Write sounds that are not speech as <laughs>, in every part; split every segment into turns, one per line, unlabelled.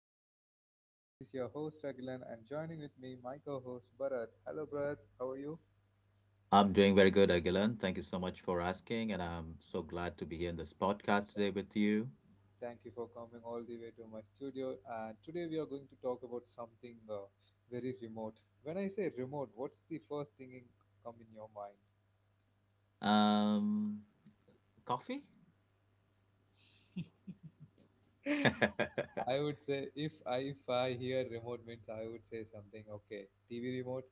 of my podcast. This is your host Agilan and joining with me my co-host Bharat. Hello Bharat, how are you?
I'm doing very good, Agilan. Thank you so much for asking, and I'm so glad to be here in this podcast today with you.
Thank you for coming all the way to my studio and today we are going to talk about something very remote. When I say remote, what's the first thing, come in your mind?
Um, coffee? <laughs>
I would say if I hear remote means I would say something okay, TV remote,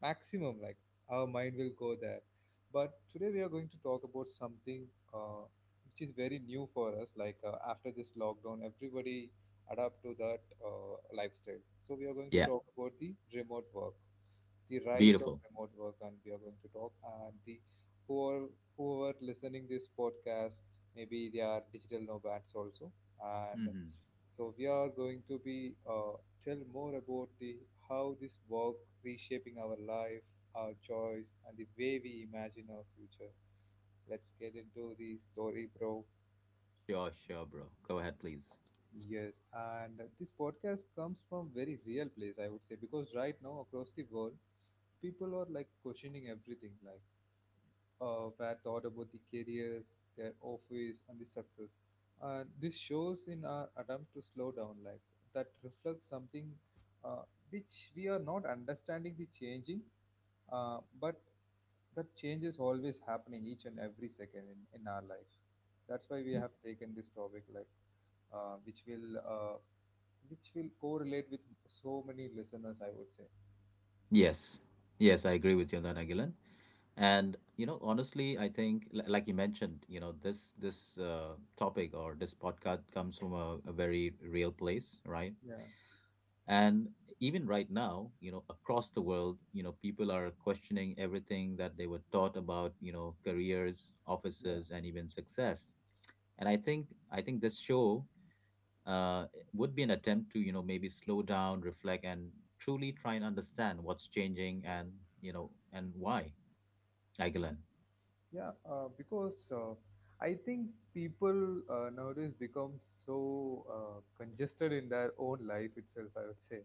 maximum, like our mind will go there. But today we are going to talk about something uh, which is very new for us, like after this lockdown everybody adapt to that lifestyle, so we are going to
Yeah,
talk about the remote work, the rise of
beautiful.
remote work, and we are going to talk. And the who are who are listening this podcast, maybe they are digital nomads also. And
Hmm.
so we are going to be tell more about the how this work reshaping our life, our choice, and the way we imagine our future. Let's get into the story, bro.
Sure, sure, bro. Go ahead, please.
Yes, and this podcast comes from very real place, I would say, because right now across the world, people are like questioning everything, like were taught about the careers, their office, and the success. This shows in our attempt to slow down life that reflects something uh, which we are not understanding the changing, but that change is always happening each and every second in our life. That's why we have taken this topic, like uh, which will uh, which will correlate with so many listeners, I would say.
Yes, yes, I agree with you on that, Agilan. And you know, honestly, I think, like you mentioned, you know, this topic or this podcast comes from a very real place, right?
Yeah,
And even right now, you know, across the world, you know, people are questioning everything that they were taught about, you know, careers,
yeah.
offices, and even success. And I think this show would be an attempt to, you know, maybe slow down, reflect, and truly try and understand what's changing and, you know, and why, Agilan.
Yeah, because I think people nowadays become so congested in their own life itself, I would say.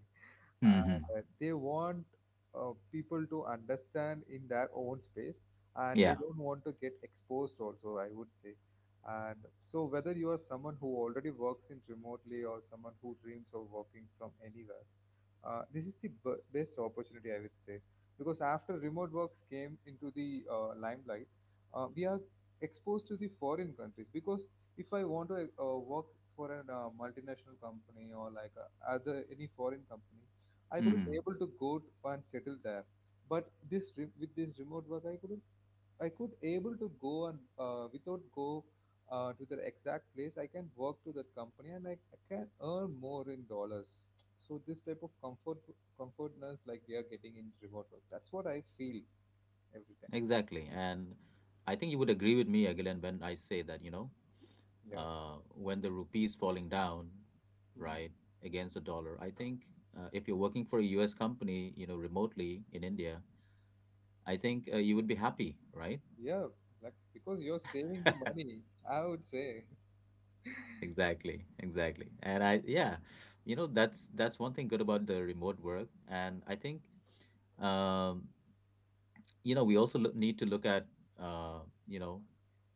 Uh,
Mm-hmm.
that they want people to understand in their own space and they
Yeah.
don't want to get exposed, also, I would say. And so, whether you are someone who already works in remotely or someone who dreams of working from anywhere, this is the best opportunity, I would say, because after remote works came into the limelight, we are exposed to the foreign countries. Because if I want to work for a multinational company or like other any foreign company, I couldn't
Mm-hmm.
able to and settle there. But with this remote work, I couldn't I could able to go and without go to the exact place. I can work to that company and I can earn more in dollars. So this type of comfortness like we are getting in remote work. That's what I feel every time.
Exactly. And I think you would agree with me, Agilan, when I say that, you know,
Yeah.
when the rupee is falling down,
Mm,
right, against the dollar. I think if you're working for a U.S. company, you know, remotely in India, I think you would be happy, right?
yeah. Like because you're saving the money, I would say. <laughs>
Exactly, exactly. And I, yeah, you know, that's one thing good about the remote work. And I think, um, you know, we also need to look at, uh, you know,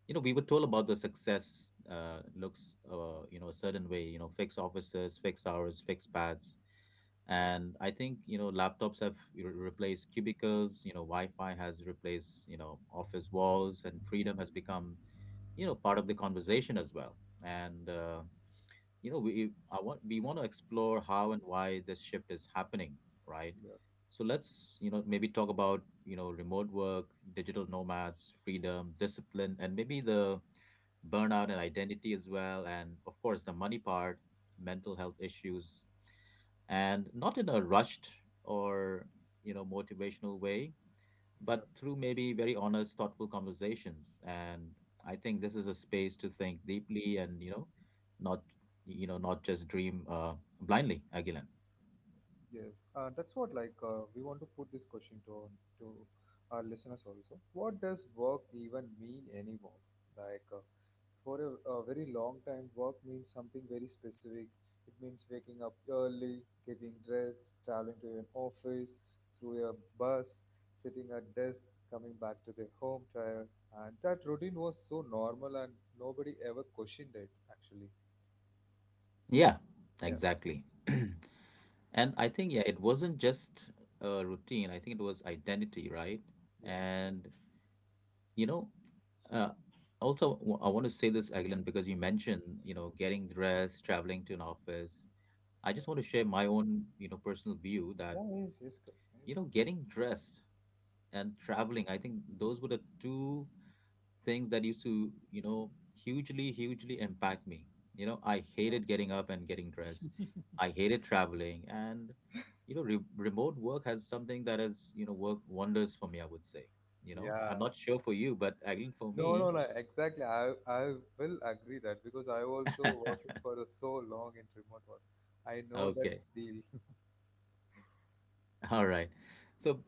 you know, we were told about the success looks, you know, a certain way, you know, fixed offices, fixed hours, fixed paths,
Yeah.
and I think, you know, laptops have, you know, replaced cubicles. You know, Wi-Fi has replaced, you know, office walls, and freedom has become, you know, part of the conversation as well. And you know, we want to explore how and why this shift is happening, right?
Yeah.
So let's, you know, maybe talk about, you know, remote work, digital nomads, freedom, discipline, and maybe the burnout and identity as well, and of course the money part, mental health issues, and not in a rushed or, you know, motivational way,
Yeah.
but through maybe very honest, thoughtful conversations. And I think this is a space to think deeply, and you know, not not just dream blindly, Agilan.
Yes, and that's what like we want to put this question to our listeners also. What does work even mean anymore? Like for a very long time, work means something very specific. It means waking up early, getting dressed, traveling to an office, through a bus, sitting at desk, coming back to their home tired, and that routine was so normal and nobody ever questioned it. Actually,
Yeah,
yeah,
exactly. <clears throat> And I think, yeah, it wasn't just a routine. I think it was identity, right?
yeah,
And, you know, uh, also, I want to say this, Aglan, because you mentioned, you know, getting dressed, traveling to an office. I
yeah,
just want to share my own, you know, personal view
yeah,
that,
yes, yes, yes.
you know, getting dressed and traveling, I think those were the two things that used to, you know, hugely, hugely impact me. You know, I hated getting up and getting dressed. I hated traveling. And, you know, remote work has something that has, you know, worked wonders for me, I would say. You know,
Yeah.
I'm not sure for you, but at least for
No, no,
me,
no. Exactly. I will agree that because I also working for a
<laughs>
so long in remote work. I know that
okay.
feel. <laughs>
<laughs> All right. So,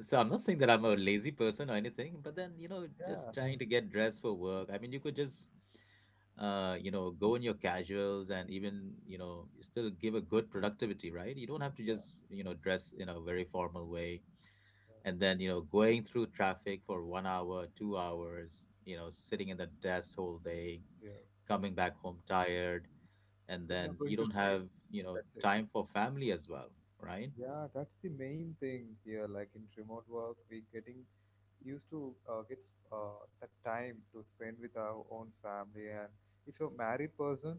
so, I'm not saying that I'm a lazy person or anything, but then, you know, just
Yeah.
trying to get dressed for work. I mean, you could just, you know, go in your casuals and even, you know, still give a good productivity, right? You don't have to
Yeah.
just, you know, dress in a very formal way.
Yeah.
And then, you know, going through traffic for 1 hour, 2 hours, you know, sitting in the desk whole day,
Yeah.
coming back home tired, and
When you're
then
going
you
to
don't
sleep,
have, you know,
that's it.
time for family as well, right?
Yeah, that's the main thing here. Like in remote work, we getting used to get that time to spend with our own family. And if you're a married person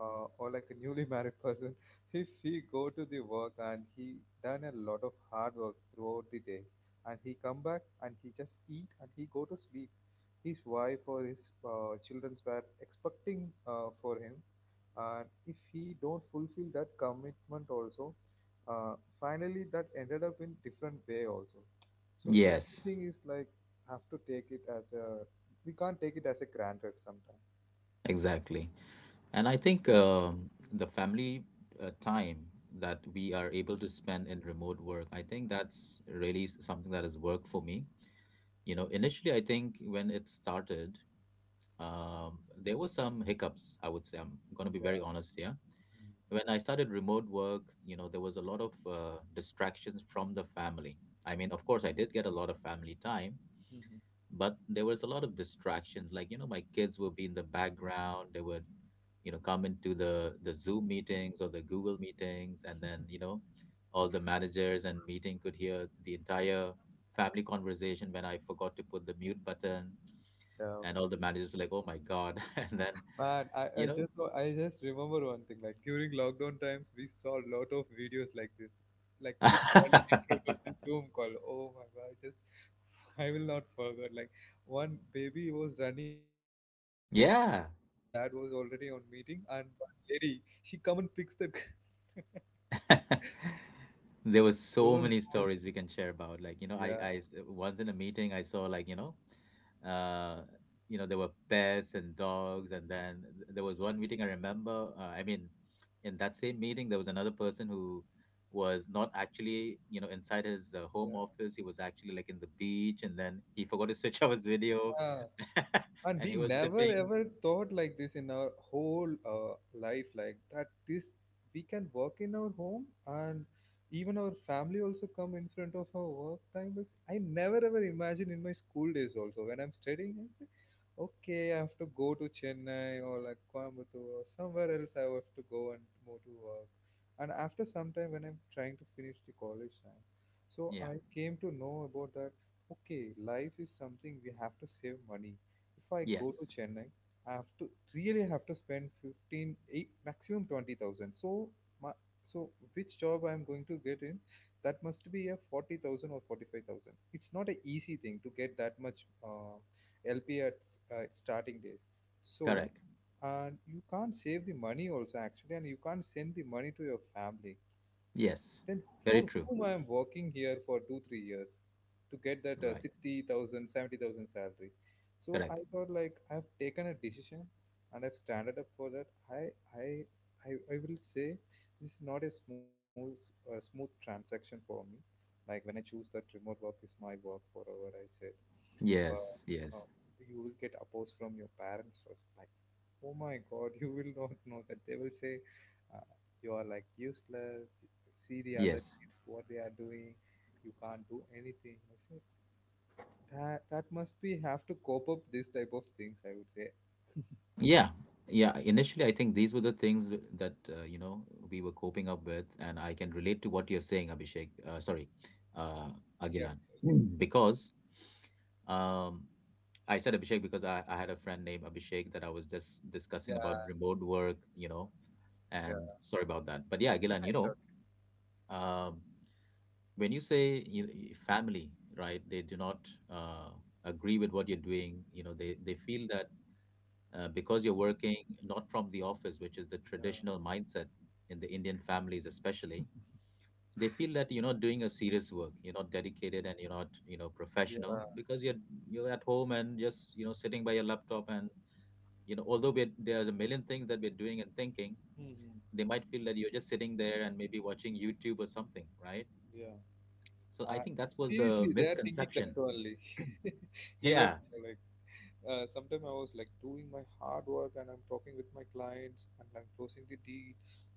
or like a newly married person, <laughs> if he go to the work and he done a lot of hard work throughout the day, and he come back and he just eat and he go to sleep, his wife or his children were expecting for him, and if he don't fulfill that commitment also, finally that ended up in different way also. So
Yes,
everything is like have to take it as a, we can't take it as a granted sometimes.
exactly. And I think the family time that we are able to spend in remote work, I think that's really something that has worked for me. You know,
Yeah,
initially, I think when it started, there were some hiccups, I would say. I'm going to be
yeah,
very honest here. When I started remote work, you know, there was a lot of distractions from the family. I mean, of course, I did get a lot of family time,
Mhm.
but there was a lot of distractions. Like, you know, my kids would be in the background. They would, you know, come into the Zoom meetings or the Google meetings, and then, you know, all the managers and meeting could hear the entire family conversation when I forgot to put the mute button,
Yeah.
and all the managers were like, oh my God. <laughs> And then,
Man, I, I
you know.
just i just remember one thing, like during lockdown times we saw a lot of videos like this, like kids running in
<laughs>
Zoom call. Oh my god, I just, I will not forget, like one baby was running into the room and his dad was
Yeah.
already on meeting, and one lady she come and picks the. <laughs>
<laughs> There were
Those
so many
who,
stories we can share about. Like, you know,
yeah,
once in a meeting I saw like, uh, you know, there were pets and dogs, and then there was one meeting I remember. I mean, in that same meeting, there was another person who was not actually, you know, inside his
yeah.
home office. He was actually like in the beach, and then he forgot to <laughs> switch off his video,
Ah,
<laughs>
and
and
we
he was
never
sipping.
ever thought like this in our whole life, like that this we can work in our home, and even our family also come in front of our work time, which I never ever imagined in my school days also. When I'm studying I say okay, I have to go to Chennai or like Coimbatore or somewhere else, I have to go and move to work. And after some time, when I'm trying to finish the college time, so
Yeah.
I came to know about that okay, life is something, we have to save money. If I go to
Yes.
Chennai, I have to really have to spend 15, eight, maximum 20,000. So, my, so which job I'm going to get in, that must be a 40,000 or 45,000. It's not an easy thing to get that much LP at starting days. So,
Correct.
and you can't save the money also actually, and you can't send the money to your family,
Yes.
then
Very
for
true.
whom I am working here for two, 3 years to get that
Right.
60,000 salary. So
Correct.
I thought like I've taken a decision and I've standed up for that. I, I will say this is not a smooth transaction for me. Like when I choose that remote work is my work forever, I say, but
Yes,
uh,
yes,
you will get opposed from your parents first, like oh my god, <laughs> you will not know that. They will say uh, you are like useless, see the other
yes.
kids what they are doing, you can't do anything. I say that that must be have to cope up this type of things, I would say.
Yeah, yeah. Initially, I think these were the things that you know, we were coping up with, and I can relate to what you're saying, Abhishek. Sorry, uh,
Yeah,
Agilan. Mm. Because um, I said Abhishek because I had a friend named Abhishek that I was just discussing about
yeah,
remote work, you know,
yeah,
and sorry about that. But yeah, Agilan,
I
you know,
thought-,
um, when you say family, right? They do not agree with what you're doing. You know, they feel that because you're working not from the office, which is the
yeah,
traditional mindset in the Indian families, especially, they feel that you're not doing a serious work, you're not dedicated, and you're not, you know, professional
yeah,
because you're at home and just, you know, sitting by your laptop. And you know, although we're, there's a million things that we're doing and thinking,
Mhm,
they might feel that you're just sitting there and maybe watching YouTube or something, right?
yeah,
So I
uh,
think that was the
seriously they are thinking that
misconception.
only. <laughs> even
Yeah.
like sometimes I was like doing my hard work and I'm talking with my clients and I'm closing the deal.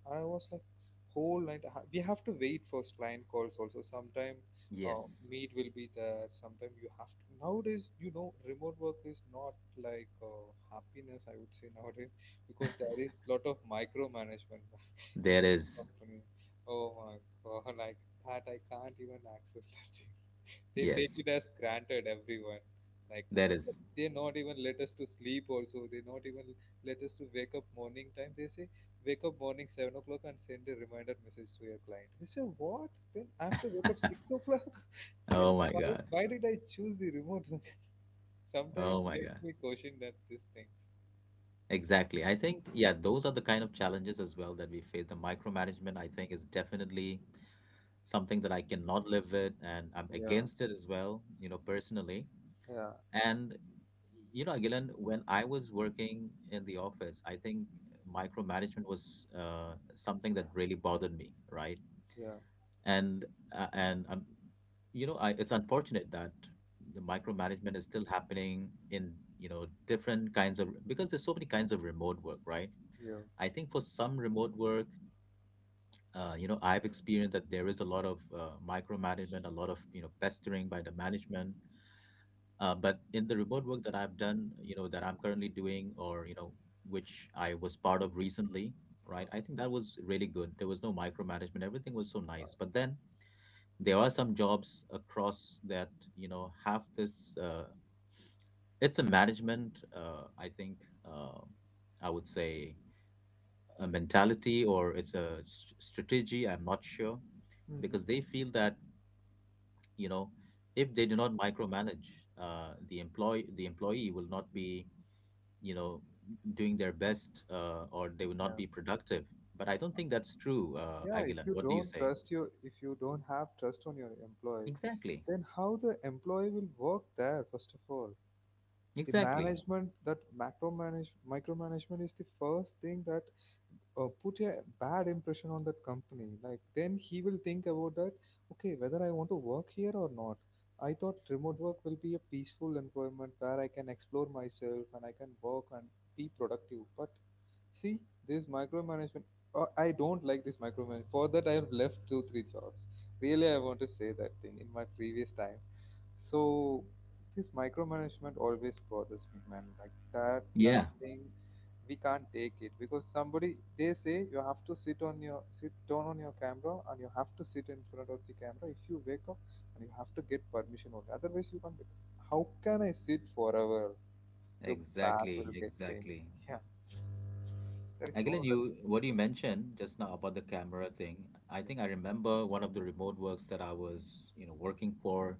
And I was like, whole night, we have to wait for client calls also. Sometime
Yes.
meet will be there. Sometime you have to. Nowadays, you know, remote work is not like happiness, I would say nowadays, because there is lot of micromanagement <laughs> in
There
some
is.
company. Oh my God, <laughs> like that, I can't even access that thing, they take
Yes.
it as granted everyone, like
That is.
they not even let us to sleep also, they not even let us to wake up morning time. They say wake up morning 7 o'clock and send a reminder message to your client. I say what, then I have to wake up 6 o'clock. <laughs> then
Oh my
why
God.
why did I choose the remote work? <laughs> sometimes
Oh
it
my
makes
God.
me question that this thing.
Exactly. I think, yeah, those are the kind of challenges as well that we face. The micromanagement, I think, is definitely something that I cannot live with, and I'm
Yeah,
against it as well, you know, personally.
yeah,
And, you know, Agilan, when I was working in the office, I think micromanagement was something that really bothered me, right?
yeah,
And, and, you know, I, it's unfortunate that the micromanagement is still happening in, you know, different kinds of, because there's so many kinds of remote work, right?
yeah.
I think for some remote work, you know, I've experienced that there is a lot of micromanagement, a lot of, you know, pestering by the management. But in the remote work that I've done, you know, that I'm currently doing, or you know, which I was part of recently, right?
Oh,
I think that was really good. There was no micromanagement. Everything was so
God.
nice. But then there are some jobs across that, you know, have this. It's a management. I think uh, I would say a mentality, or it's a strategy. I'm not sure because they
Hmm.
feel that, you know, if they do not micromanage, the employee will not be, you know, doing their best, or they will
Yeah,
not be productive. But I don't think that's true,
yeah. If
Aguilan.
you
What do you
don't
say?
trust your, if you don't have trust on your employee,
Exactly.
then how the employee will work there? First of all the
Exactly.
management, that macro manage micromanagement is the first thing that put a bad impression on that company. Like then he will think about that okay, whether I want to work here or not. I thought remote work will be a peaceful environment where I can explore myself and I can work and be productive. But see, this micromanagement, oh, I don't like this micromanagement. For that, I have left two, three jobs. Really, I want to say that thing in my previous time. So, this micromanagement always bothers me, man. Like that, that
Yeah.
thing, we can't take it, because somebody they say you have to sit on your, sit down on your camera and you have to sit in front of the camera. If you wake up and you have to get permission only, otherwise you can't wake up. How can I sit forever? Your back
Exactly.
will get pain.
Exactly.
Yeah, there is no
Agilan,
remedy.
you what you mentioned just now about the camera thing, I think I remember one of the remote works that I was, you know, working for.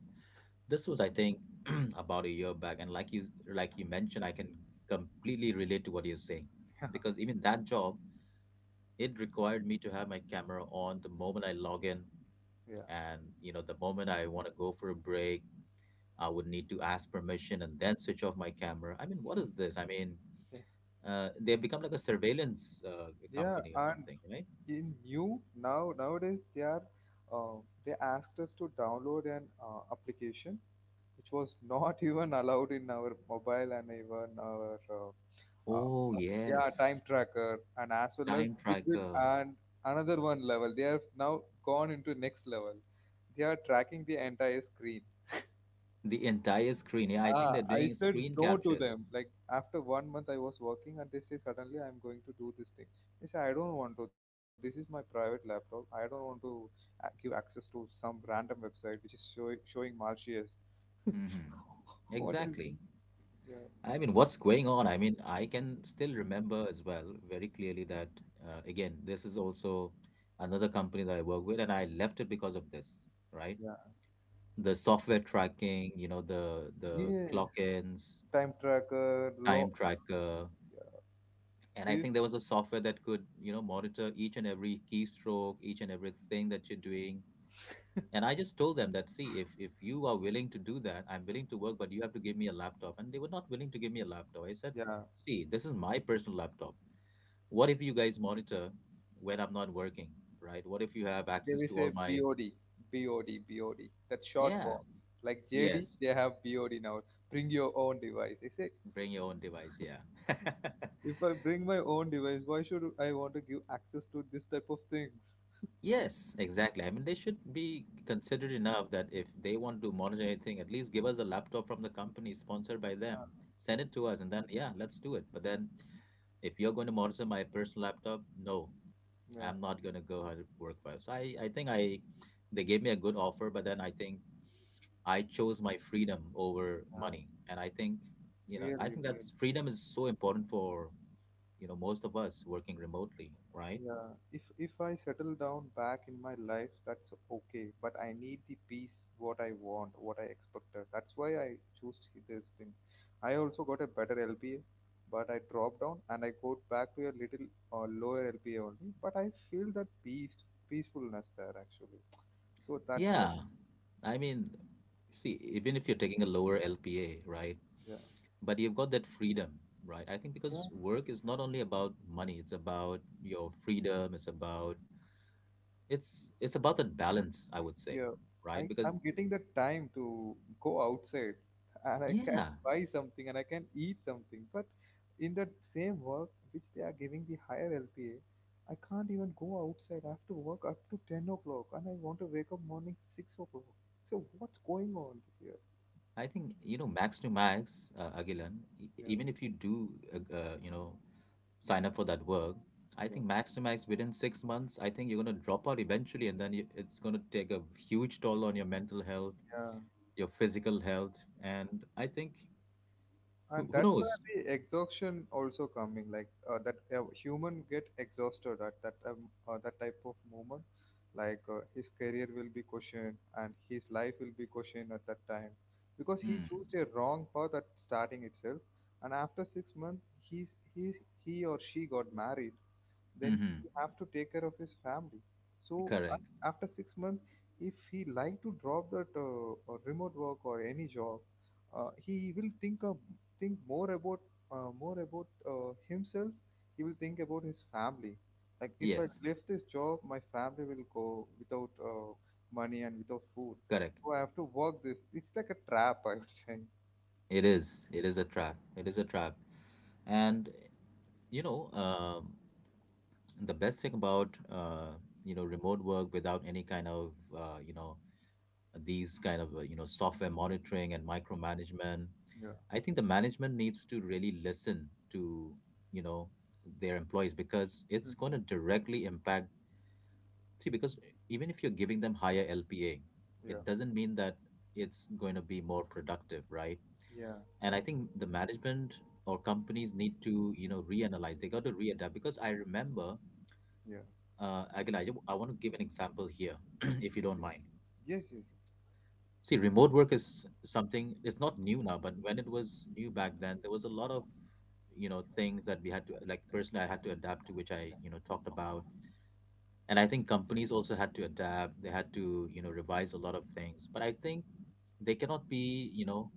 This was, I think, <clears throat> about a year back, and like you mentioned, I can completely relate to what you're saying because even that job, it required me to have my camera on the moment I log in,
Yeah,
and you know, the moment I want to go for a break, I would need to ask permission and then switch off my camera. I mean, what is this? I mean,
yeah,
they become like a surveillance
yeah.
company or
And
something, right?
in new now nowadays they are uh, they asked us to download an application, which was not <laughs> even allowed in our mobile and even our uh,
Oh,
yeah, time
yes.
tracker, and as well as
Time
it will.
tracker.
And another one level, they have now gone into next level, they are tracking the entire screen.
The entire screen. Yeah, I think
Ah,
they're
I
doing
said
screen
no to
captures.
them. Like after 1 month, I was working, and they say suddenly I'm going to do this thing. I say I don't want to. This is my private laptop. I don't want to give access to some random website which is showing Martius.
Mm-hmm.
<laughs> What is this?
Exactly.
Yeah,
I mean, what's going on? I mean, I can still remember as well very clearly that, again, this is also another company that I work with, and I left it because of this, right?
yeah,
The software tracking, you know, the
Yes.
clock-ins,
Time tracker, law.
time tracker, and I
This,
think there was a software that could, you know, monitor each and every keystroke, each and everything that you're doing. And I just told them that, see, if you are willing to do that, I'm willing to work, but you have to give me a laptop. And they were not willing to give me a laptop. I said,
yeah.
see, this is my personal laptop. What if you guys monitor when I'm not working, right? What if you have
They
access
will
to
say
all my,
BOD, BOD. That short
yeah,
forms. Like JD,
yes,
they have BOD now. Bring your own device. They say
bring your own device, yeah. <laughs>
if I bring my own device, why should I want to give access to this type of things?
Yes, exactly. I mean, they should be considered enough that if they want to monitor anything, at least give us a laptop from the company sponsored by them.
Yeah,
Send it to us, and then, yeah, let's do it. But then, if you're going to monitor my personal laptop, no,
yeah,
I'm not going to go ahead and work for it. So they gave me a good offer, but then I think I chose my freedom over
yeah.
money. And I think, I
Really,
think
really.
that's freedom is so important for, you know, most of us working remotely, right?
Yeah. If I settle down back in my life, that's okay. But I need the peace, what I want, what I expected. That's why I chose this thing. I also got a better LPA, but I dropped down and I go back to a little lower LPA only. But I feel that peace, peacefulness there actually. So that's why.
Yeah. I mean, see, even if you're taking a lower LPA, right?
Yeah.
But you've got that freedom, right? I think because work is not only about money, it's about your freedom, it's about that balance, I would say,
Yeah,
right?
I,
Because
I'm getting the time to go outside <laughs> and I can
yeah,
buy something and I can eat something. But in that same work which they are giving the higher LPA, I can't even go outside. I have to work up to 10 o'clock and I want to wake up morning 6 o'clock. So what's going on here?
I think you know max to max, Agilan,
Yeah,
even if you do you know sign up for that work. I
yeah,
think max to max within 6 months, I think you're gonna drop out eventually, and then it's gonna take a huge toll on your mental health,
yeah.
your physical health, and I think
And
who
that's where
knows?
the exhaustion also coming like that human get exhausted at that that type of moment like his career will be questioned and his life will be questioned at that time because he
Hmm.
chose a wrong path at starting itself, and after 6 months he he or she got married. Then
Mm-hmm.
he have to take care of his family. So
Correct.
after 6 months, if he like to drop that remote work or any job, he will think of think more about himself. He will think about his family. Like if I
Yes.
left this job, my family will go without money and without food.
Correct.
So I have to work this. It's like a trap, I would say.
It is. It is a trap. It is a trap. And you know, the best thing about you know remote work without any kind of you know these kind of you know software monitoring and micromanagement.
Yeah.
I think the management needs to really listen to, you know, their employees because
Mhm.
it's going to directly impact. See, because even if you're giving them higher LPA,
Yeah,
it doesn't mean that it's going to be more productive, right?
yeah,
And I think the management or companies need to, you know, reanalyze. They got to readapt because I remember,
yeah,
again, I want to give an example here,
yes,
<clears throat> if you don't mind.
yes, yes, yes.
See, remote work is something, it's not new now, but when it was new back then, there was a lot of you know things that we had to like personally I had to adapt to which I you know talked about. And I think companies also had to adapt. They had to you know revise a lot of things. But I think they cannot be you know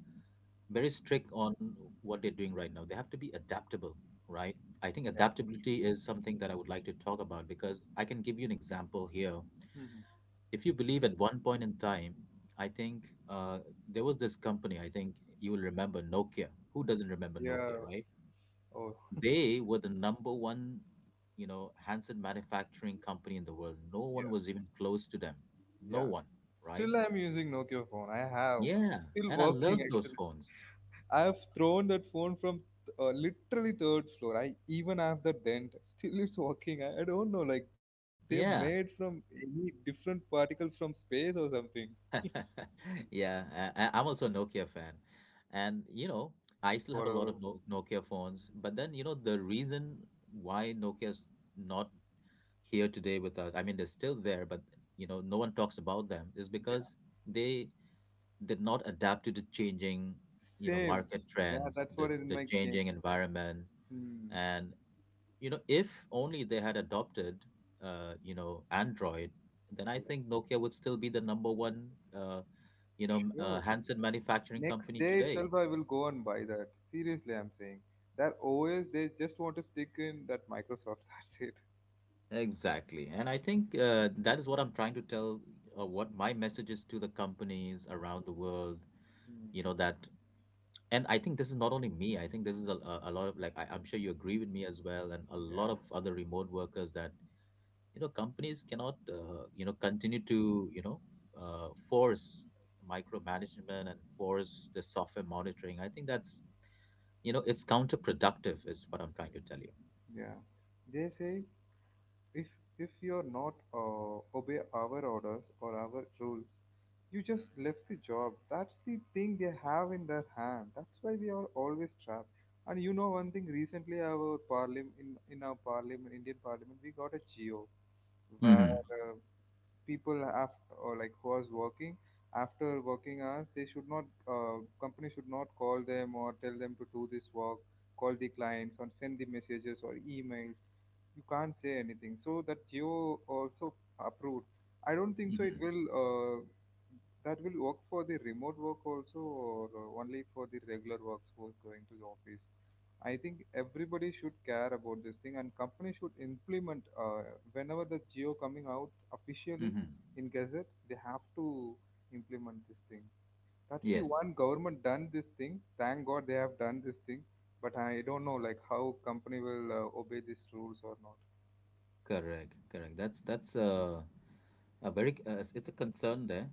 very strict on what they're doing right now. They have to be adaptable, right? I think
Yeah.
adaptability is something that I would like to talk about because I can give you an example here.
Mhm.
If you believe at one point in time, I think there was this company, I think you will remember Nokia. Who doesn't remember Nokia,
Yeah.
right?
Oh,
They were the number one, you know, handset manufacturing company in the world. No one
yeah.
was even close to them. No
Yeah.
one,
S-
right?
Still, I'm using Nokia phone. I have. It's
Yeah,
still
and I
working,
love those
actually.
phones.
I have thrown that phone from literally third floor. I even have the dent. Still, it's working. I don't know. Like, they made
Yeah.
from any different particle from space or something.
<laughs> Yeah, I'm also a Nokia fan. And,
Yeah.
you know, I still have a
Forever.
lot of no Nokia phones. But then, you know, the reason why Nokia's not here today with us, I mean, they're still there, but, you know, no one talks about them is
Yeah.
because they did not adapt to the changing you know
Same.
market
Yeah,
trends,
that's what is in
the
my game.
changing environment.
Hmm.
And you know if only they had adopted you know Android, then I
Yeah.
think Nokia would still be the number one uh you know
Sure.
handset manufacturing
Next
company
day
today.
itself, I will go and buy that. Seriously, I'm saying. That OS, they just want to stick in that Microsoft. <laughs> That's it.
Exactly, and I think that is what I'm trying to tell, what my message is to the companies around the world.
Hmm.
You know that, and I think this is not only me. I think this is a lot of like I'm sure you agree with me as well, and a lot
Yeah,
of other remote workers that you know companies cannot you know continue to force micromanagement and force the software monitoring. I think that's you know it's counterproductive is what I'm trying to tell you.
yeah. They say if you're not obey our orders or our rules, you just left the job. That's the thing they have in their hand. That's why we are always trapped. And you know one thing. Recently, our parliament, in our parliament, Indian parliament, we got a geo where
Mm-hmm.
people af or like who was working after working hours, they should not, uh, company should not call them or tell them to do this work, call the clients or send the messages or emails. You can't say anything. So that Geo also approved. I don't think so. It
Mm-hmm.
will that will work for the remote work also, or only for the regular workforce going to the office. I think everybody should care about this thing, and company should implement whenever the Geo coming out officially
Mm-hmm.
in Gazette. They have to implement this thing. That's the
Yes,
one government done this thing. Thank God they have done this thing. But I don't know like how company will obey these rules or not.
correct, correct. That's a very it's a concern there,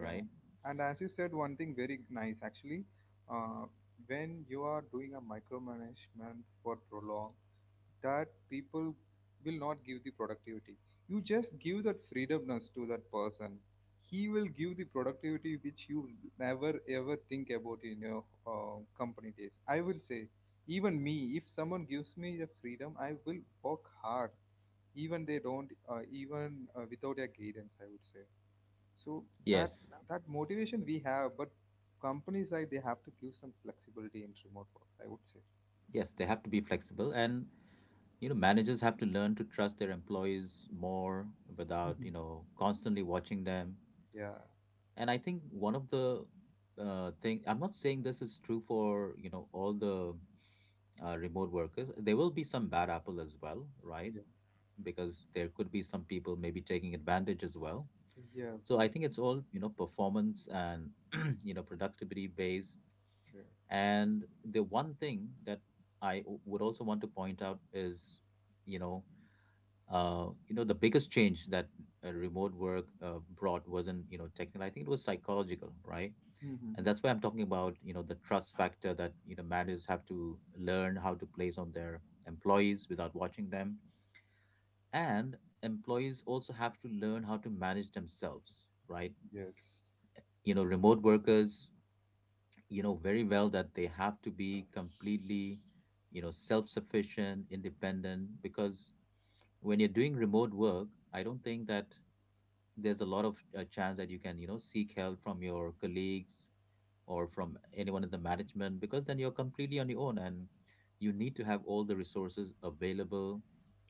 Yeah, and as you said, one thing very nice actually, uh, when you are doing a micromanagement for prolong, that people will not give the productivity. You just give that freedomness to that person. He will give the productivity which you never ever think about in your company days. I will say, even me, if someone gives me the freedom, I will work hard, even they don't, even without their guidance. I would say. So that,
Yes.
that motivation we have, but companies like they have to give some flexibility in remote works. I would say.
Yes, they have to be flexible, and you know managers have to learn to trust their employees more without, you
Mhm.
know, constantly watching them.
Yeah.
And I think one of the thing I'm not saying this is true for, you know, all the remote workers. There will be some bad apple as well, right?
Yeah.
Because there could be some people maybe taking advantage as well.
Yeah.
So I
Yeah.
think it's all, you know, performance and <clears throat> you know productivity based.
Yeah.
And the one thing that I would also want to point out is, you know, you know, the biggest change that remote work brought wasn't, you know, technical. I think it was psychological, right?
Mhm. Mhm,
And that's why
mhm.
I'm talking about, you know, the trust factor that you know managers have to learn how to place on their employees without watching them, and employees also have to learn how to manage themselves, right?
Yes.
You know, remote workers you know very well that they have to be completely you know self-sufficient, independent, because when you're doing remote work, I don't think that there's a lot of chance that you can you know seek help from your colleagues or from anyone in the management, because then you're completely on your own, and you need to have all the resources available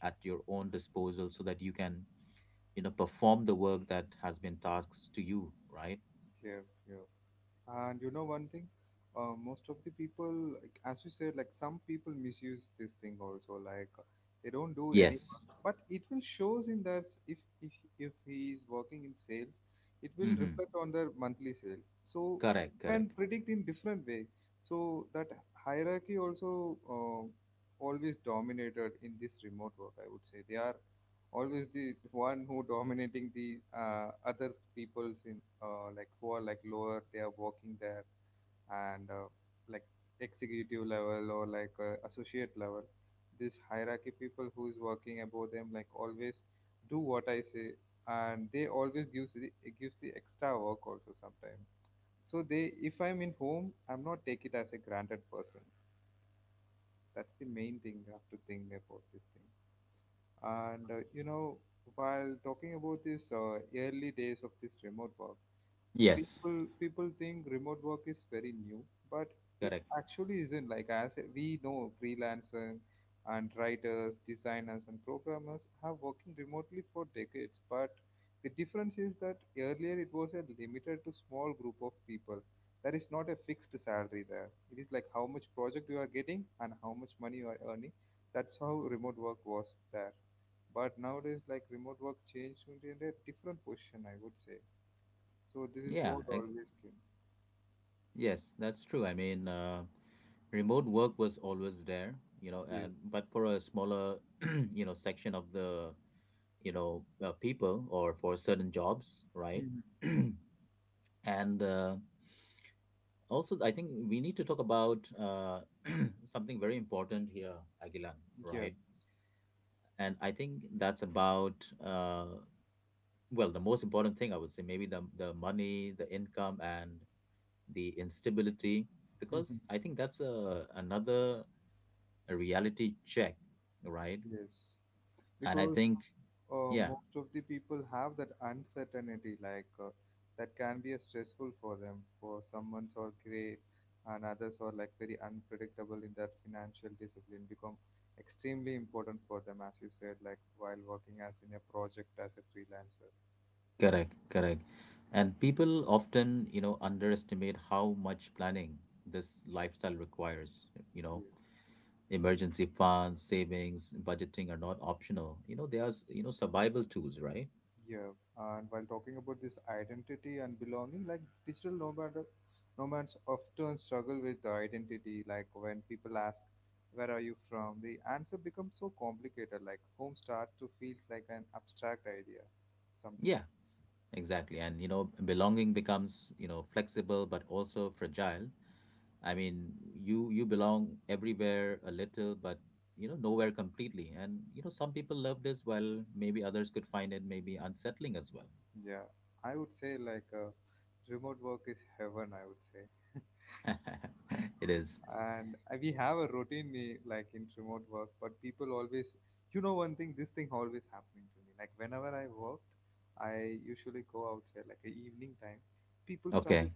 at your own disposal so that you can you know perform the work that has been tasked to you, right?
Yeah. Yeah. And you know one thing, most of the people, like, as you said, like some people misuse this thing also. Like they don't do any,
Yes.
but it will shows in that if if he is working in sales, it will
Mm-hmm.
reflect on their monthly sales. So
Correct,
you can
correct.
predict in different way. So that hierarchy also always dominated in this remote work. I would say they are always the one who dominating the other peoples in like who are like lower they are working there, and like executive level or like associate level, this hierarchy people who is working above them like always do what I say, and they always gives the, it gives the extra work also sometimes. So they, if I'm in home, I'm not take it as a granted person. That's the main thing you have to think about this thing. And you know, while talking about this early days of this remote work,
Yes.
people think remote work is very new, but it
Correct.
actually isn't. Like as we know, freelancers and writers, designers, and programmers have working remotely for decades, but the difference is that earlier it was a limited to small group of people. There is not a fixed salary there. It is like how much project you are getting and how much money you are earning. That's how remote work was there. But nowadays like remote work changed into a different position, I would say. So this is
Yeah,
what always came.
yes, that's true. I mean, remote work was always there, you know,
Yes.
and but for a smaller, <clears throat> you know, section of the, you know, people or for certain jobs, right?
Mhm.
<clears throat> And also, I think we need to talk about <clears throat> something very important here, Agilan,
Yeah.
right? And I think that's about, well, the most important thing I would say, maybe the money, the income, and the instability
Mhm.
because I think that's a another reality check, right?
Yes,
And I
because
think yeah,
most of the people have that uncertainty, like that can be a stressful for them. For some, someone's are great, and others are like very unpredictable in that financial discipline become extremely important for them, as you said, like while working as in a project as a freelancer.
correct, correct. And people often you know underestimate how much planning this lifestyle requires. You know
Yes.
emergency funds, savings, budgeting are not optional. You know they are you know survival tools, right?
Yeah, and while talking about this identity and belonging, like digital nomad, nomads often struggle with the identity. Like when people ask, "Where are you from?" the answer becomes so complicated. Like home starts to feel like an abstract idea.
Yeah,
Sometimes,
exactly. And you know belonging becomes you know flexible but also fragile. I mean, you belong everywhere a little, but you know nowhere completely. And you know some people loved as well. Maybe others could find it maybe unsettling as well.
yeah, I would say like remote work is heaven. I would say.
<laughs> It is.
And we have a routine, eh, like in remote work, but people always, you know, one thing this thing always happening to me, like whenever I worked, I usually go outside like a evening time. People started,
Okay.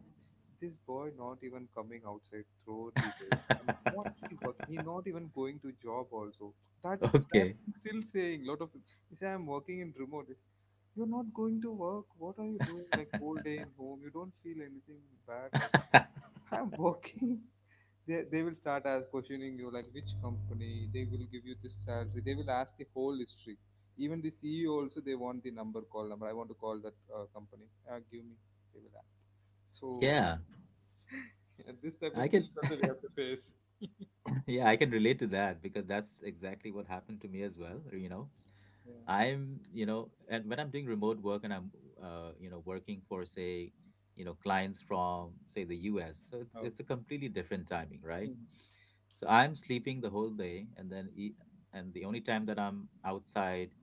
this boy not even coming outside throughout the day, and what he working, he
<laughs>
not even going to job also. That, that
Okay.
thing still saying lot of, he say I'm working in remote. You're not going to work. What are you doing like whole
<laughs>
day in home? You don't feel anything bad? Like <laughs> I'm working. They will start as questioning you, like which company they will give you this salary. They will ask the whole history. Even the CEO also, they want the number, call number, I want to call that company, give me, they will ask. So
Yeah,
<laughs> yeah, this type
I
of things
can.
also we
<laughs>
have to face.
Yeah, I can relate to that because that's exactly what happened to me as well. You know,
Yeah.
I'm, you know, and when I'm doing remote work and I'm, you know, working for say, you know, clients from say the U.S., so
Okay.
it's a completely different timing, right?
Mhm.
So I'm sleeping the whole day, and then and the only time that I'm outside,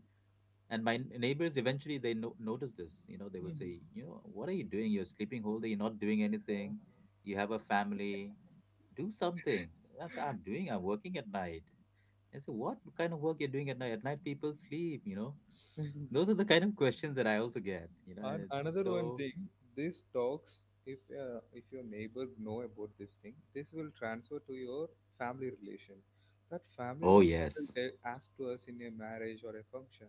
and my neighbors eventually they notice this, you know, they will
Mhm.
say, you know, what are you doing? You're sleeping whole day. You're not doing anything. You have a family. Do something. I'm doing. I'm working at night. I say, what kind of work you're doing at night? At night, people sleep, you know
Yeah. <laughs>
those are the kind of questions that I also get, you know, and
And
it's
another one
so,
thing, these talks, if your neighbor know about this thing, this will transfer to your family relation. That family
oh,
relation will
yes.
tell, ask to us in a marriage or a function.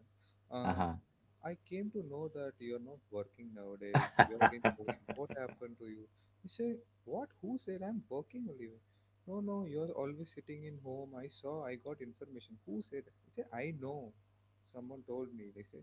Uh,
Uh-huh.
I came to know that you're not working nowadays. You're in home.
<laughs>
What happened to you? You say what? Who said I'm working only? No, no. You're always sitting in home. I saw. I got information. Who said? He say I know. Someone told me. They say.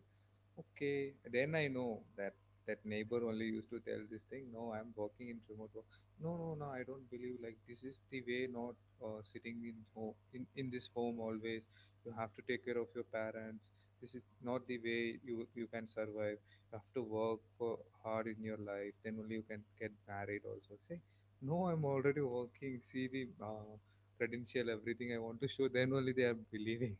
Okay, then I know that that neighbor only used to tell this thing. No, I'm working in remote work. No, no, no, I don't believe like this is the way. Not sitting in home, in this home always. You have to take care of your parents. This is not the way you, you can survive. You have to work for hard in your life. Then only you can get married. Also say, no, I'm already working. See the uh, credential, everything I want to show. Then only they are believing.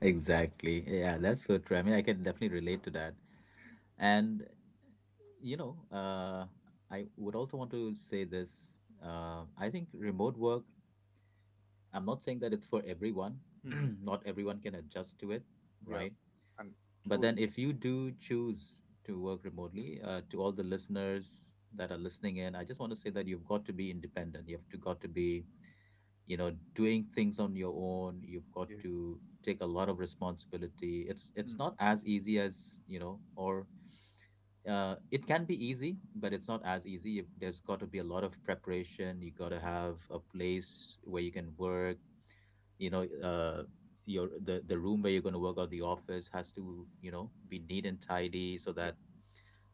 Exactly. Yeah, that's so true. I mean, I can definitely relate to that. And, you know, I would also want to say this. I think remote work, I'm not saying that it's for everyone.
<laughs> Hmm.
<clears throat> Not everyone can adjust to it,
Yeah,
right?
and
But
true.
then, if you do choose to work remotely, to all the listeners that are listening in, I just want to say that you've got to be independent. Got to be, you know, doing things on your own. You've got
Yeah.
to take a lot of responsibility. It's not as easy as you know, or it can be easy, but it's not as easy. There's got to be a lot of preparation. You got to have a place where you can work, you know your the room where you're going to work or the office has to you know be neat and tidy so
Yeah.
that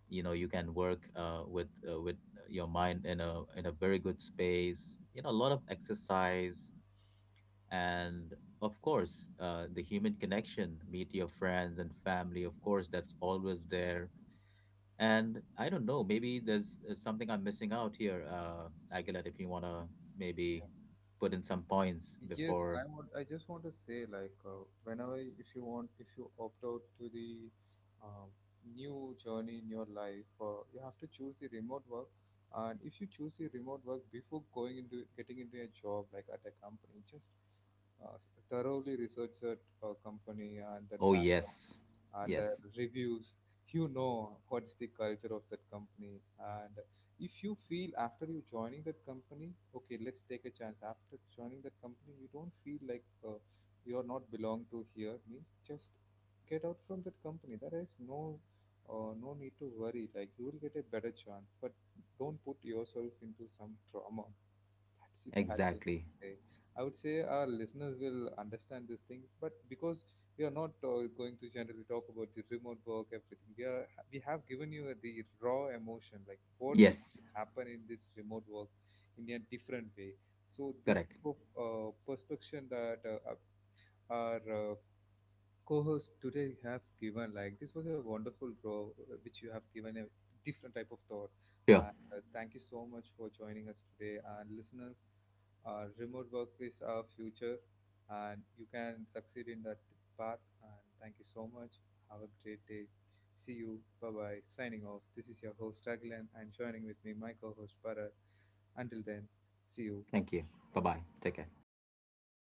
you know you can work with your mind in a very good space, you know, a lot of exercise and of course the human connection, meet your friends and family, of course that's always there. And I don't know, maybe there's something I'm missing out here. Aguilar, if you want to maybe
Yeah.
put in some points
Yes,
before.
I want. I just want to say, like, whenever if you want, if you opt out to the um, new journey in your life, you have to choose the remote work. And if you choose the remote work before going into getting into a job, like at a company, just thoroughly research that company and that
Oh
back
yes,
and
yes.
reviews. You know what's the culture of that company. And if you feel after you joining that company, okay, let's take a chance, after joining that company you don't feel like you're not belong to here means, just get out from that company. There is no no need to worry. Like you will get a better chance, but don't put yourself into some trauma. That's the bad.
Exactly.
Okay. I would say our listeners will understand this thing, but because we are not going to generally talk about the remote work, everything, we have given you the raw emotion, like what will
Yes,
happen in this remote work in a different way. So this
correct.
type of perspective that our co-host today have given, like, this was a wonderful bro which you have given, a different type of thought.
Sure.
And thank you so much for joining us today. And listeners, remote work is our future, and you can succeed in that path. And thank you so much. Have a great day. See you, bye bye. Signing off, this is your host Raglan, and joining with me my co-host Bharat. Until then, see you.
Thank you. Bye bye. Take care.